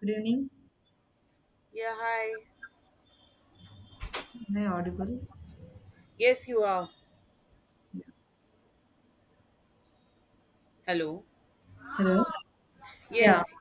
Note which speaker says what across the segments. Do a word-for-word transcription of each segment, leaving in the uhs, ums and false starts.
Speaker 1: Good evening.
Speaker 2: Yeah, hi.
Speaker 1: Am I audible?
Speaker 2: Yes, you are. Hello.
Speaker 1: Hello. Yeah,
Speaker 2: Yes.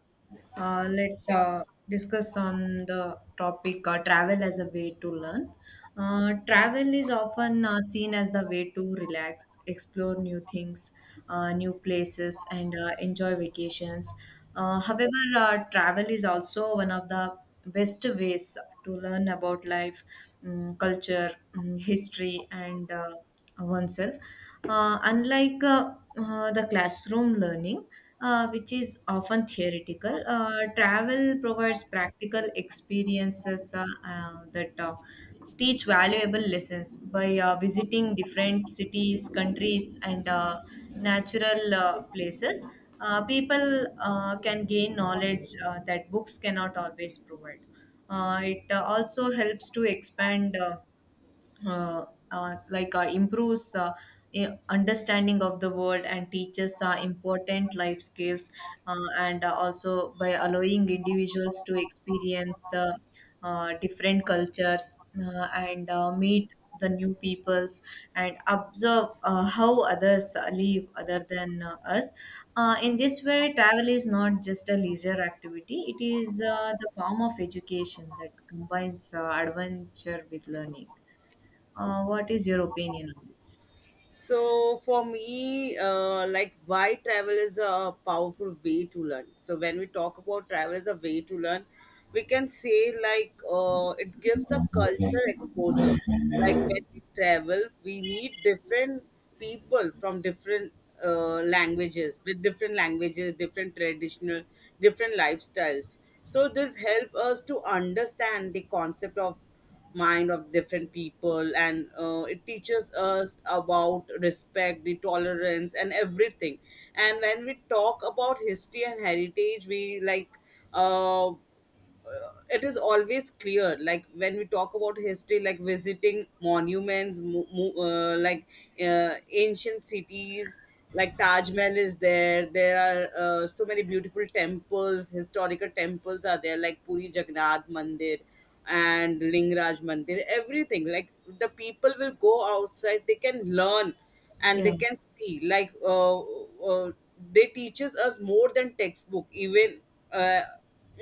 Speaker 1: uh, let's uh,
Speaker 2: Yeah.
Speaker 1: discuss on the topic uh, travel as a way to learn. Uh, travel is often uh, seen as the way to relax, explore new things, uh, new places, and uh, enjoy vacations. Uh, however, uh, travel is also one of the best ways to learn about life, mm, culture, mm, history, and uh, oneself, uh, unlike uh, uh, the classroom learning, uh, which is often theoretical. Uh, travel provides practical experiences uh, uh, that uh, teach valuable lessons by uh, visiting different cities, countries, and uh, natural uh, places. Uh, people uh, can gain knowledge uh, that books cannot always provide. Uh, it uh, also helps to expand, uh, uh, uh, like uh, improves uh, i- understanding of the world and teaches uh, important life skills, uh, and uh, also by allowing individuals to experience the uh, different cultures uh, and uh, meet the new peoples and observe uh, how others uh, live other than uh, us. Uh, in this way, travel is not just a leisure activity, it is uh, the form of education that combines uh, adventure with learning. Uh, what is your opinion on this?
Speaker 2: So for me, uh, like why travel is a powerful way to learn. So when we talk about travel as a way to learn, we can say like uh, it gives a culture exposure. Like when we travel, we meet different people from different uh, languages, with different languages, different traditional, different lifestyles. So this help us to understand the concept of mind of different people, and uh, it teaches us about respect the tolerance and everything. And when we talk about history and heritage we like uh, uh, it is always clear. Like when we talk about history, like visiting monuments, mo- mo- uh, like uh, ancient cities, like Taj Mahal is there. There are uh, so many beautiful temples, historical temples are there, like Puri Jagannath Mandir and Lingraj Mandir, everything. Like the people will go outside, they can learn and they
Speaker 1: Yeah.
Speaker 2: can see, like uh, uh, they teaches us more than textbook even. uh,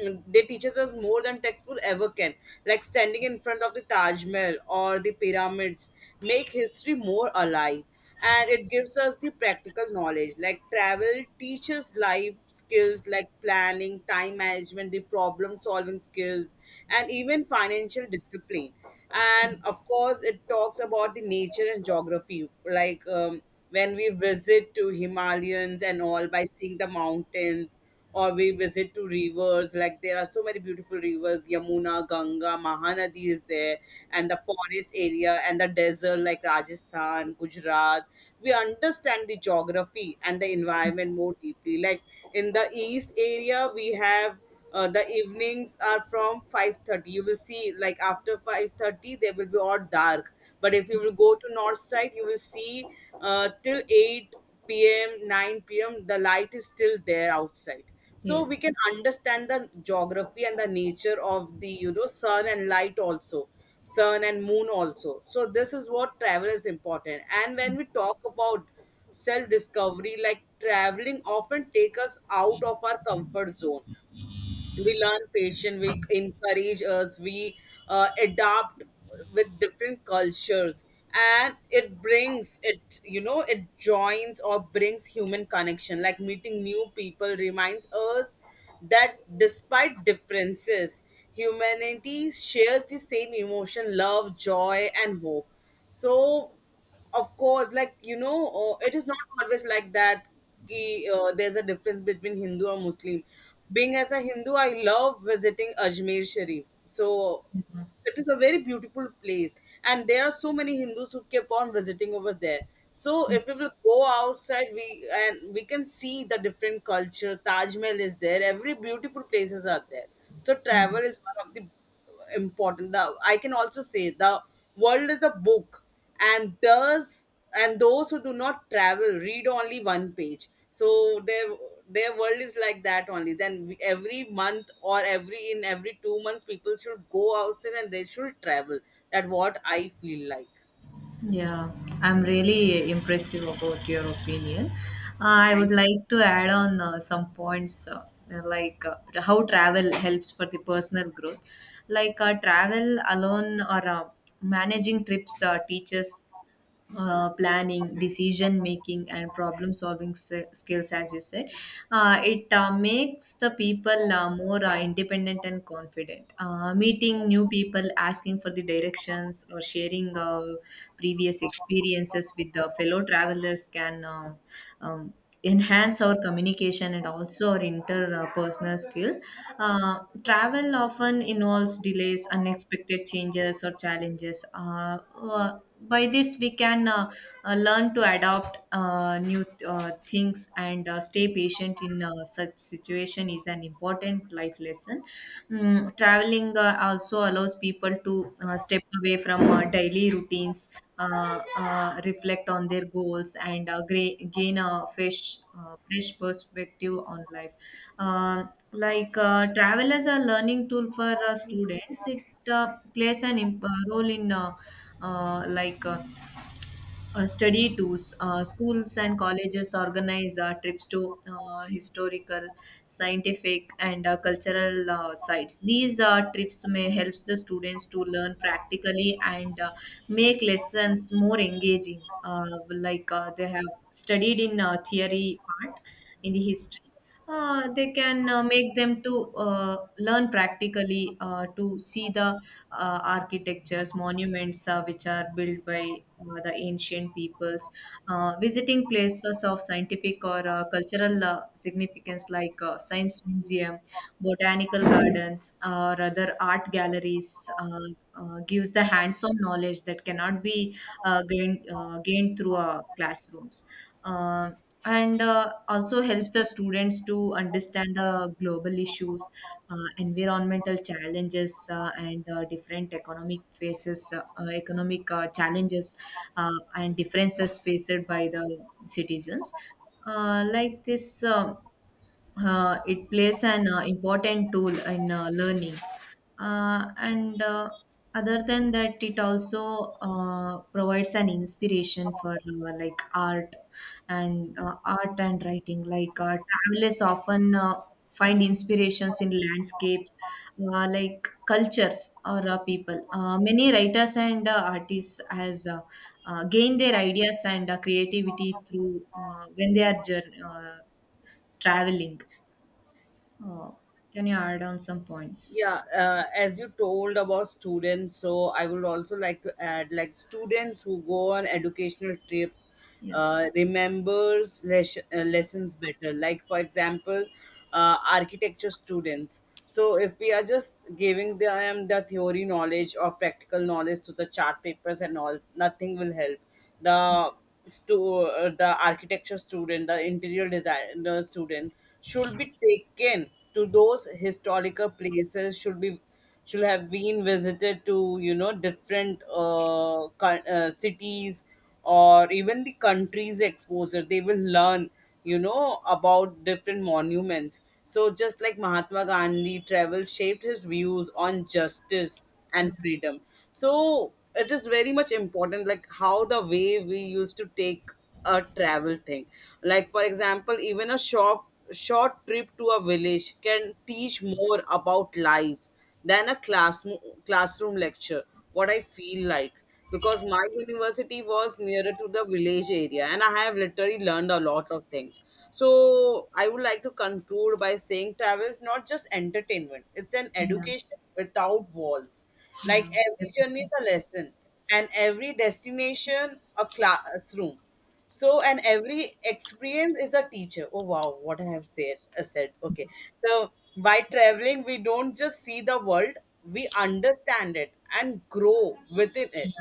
Speaker 2: mm, they teaches us more than textbook ever can. Like standing in front of the Taj Mahal or the pyramids make history more alive. And it gives us the practical knowledge. Like travel teaches life skills like planning, time management, the problem solving skills, and even financial discipline. And of course, it talks about the nature and geography. Like um, when we visit to Himalayans and all, by seeing the mountains or we visit to rivers, like there are so many beautiful rivers, Yamuna, Ganga, Mahanadi is there, and the forest area and the desert like Rajasthan, Gujarat, we understand the geography and the environment more deeply. Like in the east area we have, uh, the evenings are from five thirty. You will see like after five thirty they will be all dark. But if you will go to north side, you will see uh, till eight p m, nine p m the light is still there outside. So we
Speaker 1: Yes.
Speaker 2: can understand the geography and the nature of the, you know, sun and light also, sun and moon also. So this is what travel is important. And when we talk about self discovery, like traveling often take us out of our comfort zone, we learn patience, we encourage us, we uh, adapt with different cultures. And it brings it, you know, it joins or brings human connection. Like meeting new people reminds us that despite differences, humanity shares the same emotion, love, joy and hope. So of course, like, you know, uh, it is not always like that ki, uh, there's a difference between Hindu or Muslim. Being as a Hindu, I love visiting Ajmer Sharif. So it is a very beautiful place and there are so many Hindus who keep on visiting over there. So if we will go outside, we, and we can see the different culture. Taj Mahal is there, every beautiful places are there. So
Speaker 1: Yeah.
Speaker 2: travel is one of the important, the, I can also say, the world is a book, and those and those who do not travel read only one page. So their their world is like that only. Then we- every month or every in every two months people should go outside and they should travel. That what I feel like.
Speaker 1: Yeah, I'm really impressive about your opinion. Uh, I would
Speaker 2: Thank—
Speaker 1: like to add on uh, some points, uh, like uh, how travel helps for the personal growth. Like uh, travel alone or uh, managing trips uh, teaches uh, planning, decision making, and problem solving s- skills, as you said. Uh, it uh, makes the people uh, more uh, independent and confident. Uh, meeting new people, asking for the directions, or sharing uh, previous experiences with the fellow travelers can uh, um, enhance our communication and also our interpersonal skill. Uh, travel often involves delays, unexpected changes, or challenges. Uh, uh, by this, we can, uh, uh, learn to adopt uh, new uh, things and uh, stay patient in uh, such situation is an important life lesson. Mm, traveling uh, also allows people to uh, step away from uh, daily routines, uh, uh, reflect on their goals, and uh, gra- gain a fresh, uh, fresh perspective on life. Uh, like uh, Travel as a learning tool for uh, students, it uh, plays an imp- uh, role in, uh, uh, like. Uh, uh, study tours. Uh, schools and colleges organize uh, trips to uh, historical, scientific, and uh, cultural uh, sites. These uh, trips may helps the students to learn practically and uh, make lessons more engaging. Uh, like uh, they have studied in uh, theory part in the history. Uh, they can uh, make them to uh, learn practically uh, to see the uh, architectures, monuments uh, which are built by uh, the ancient peoples, uh, visiting places of scientific or uh, cultural uh, significance like uh, science museum, botanical gardens, or other art galleries. Uh, uh, gives the hands-on knowledge that cannot be uh, gained uh, gained through uh, classrooms. Uh, and uh, also helps the students to understand the global issues, uh, environmental challenges uh, and uh, different economic faces, uh, uh, economic uh, challenges uh, and differences faced by the citizens. Uh, like this, uh, uh, it plays an uh, important tool in uh, learning. Uh, and uh, other than that, it also uh, provides an inspiration for uh, like art and uh, art and writing. Like uh, travelers often uh, find inspirations in landscapes, uh, like cultures or uh, people. Uh, many writers and uh, artists has uh, uh, gained their ideas and uh, creativity through uh, when they are jour- uh, traveling. Uh, can you add on some
Speaker 2: Yeah,
Speaker 1: points?
Speaker 2: uh, as you told about students, so I would also like to add, like, students who go on educational trips
Speaker 1: Yeah.
Speaker 2: uh, remembers les- uh, lessons better. Like for example, uh, architecture students. So if we are just giving them the theory knowledge or practical knowledge to the chart papers and all, nothing will help the stu- uh, the architecture student, the interior designer student, should be taken to those historical places, should be, should have been visited to, you know, different uh, co- uh, cities or even the countries exposure. They will learn, you know, about different monuments. So, just like Mahatma Gandhi, travel shaped his views on justice and freedom. So, it is very much important, like how the way we used to take a travel thing. Like, for example, even a short, short trip to a village can teach more about life than a class classroom lecture, what I feel like. Because my university was nearer to the village area and I have literally learned a lot of things. So I would like to conclude by saying travel is not just entertainment, it's an
Speaker 1: Yeah.
Speaker 2: education without walls.
Speaker 1: Yeah,
Speaker 2: Like every journey
Speaker 1: definitely.
Speaker 2: is a lesson and every destination a classroom. So, and every experience is a teacher. Oh, wow, what I have said. Uh, said. Okay. So, by traveling, we don't just see the world, we understand it and grow within it.
Speaker 1: Yeah,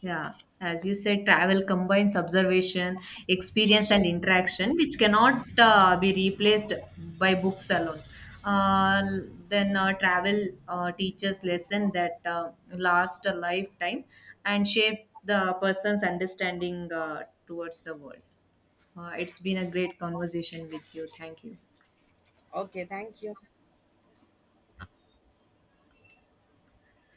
Speaker 1: yeah, as you said, travel combines observation, experience, and interaction, which cannot uh, be replaced by books alone. Uh, then uh, travel uh, teaches lesson that uh, last a lifetime and shape the person's understanding uh, towards the world. Uh, it's been a great conversation with you. Thank you.
Speaker 2: Okay, thank you.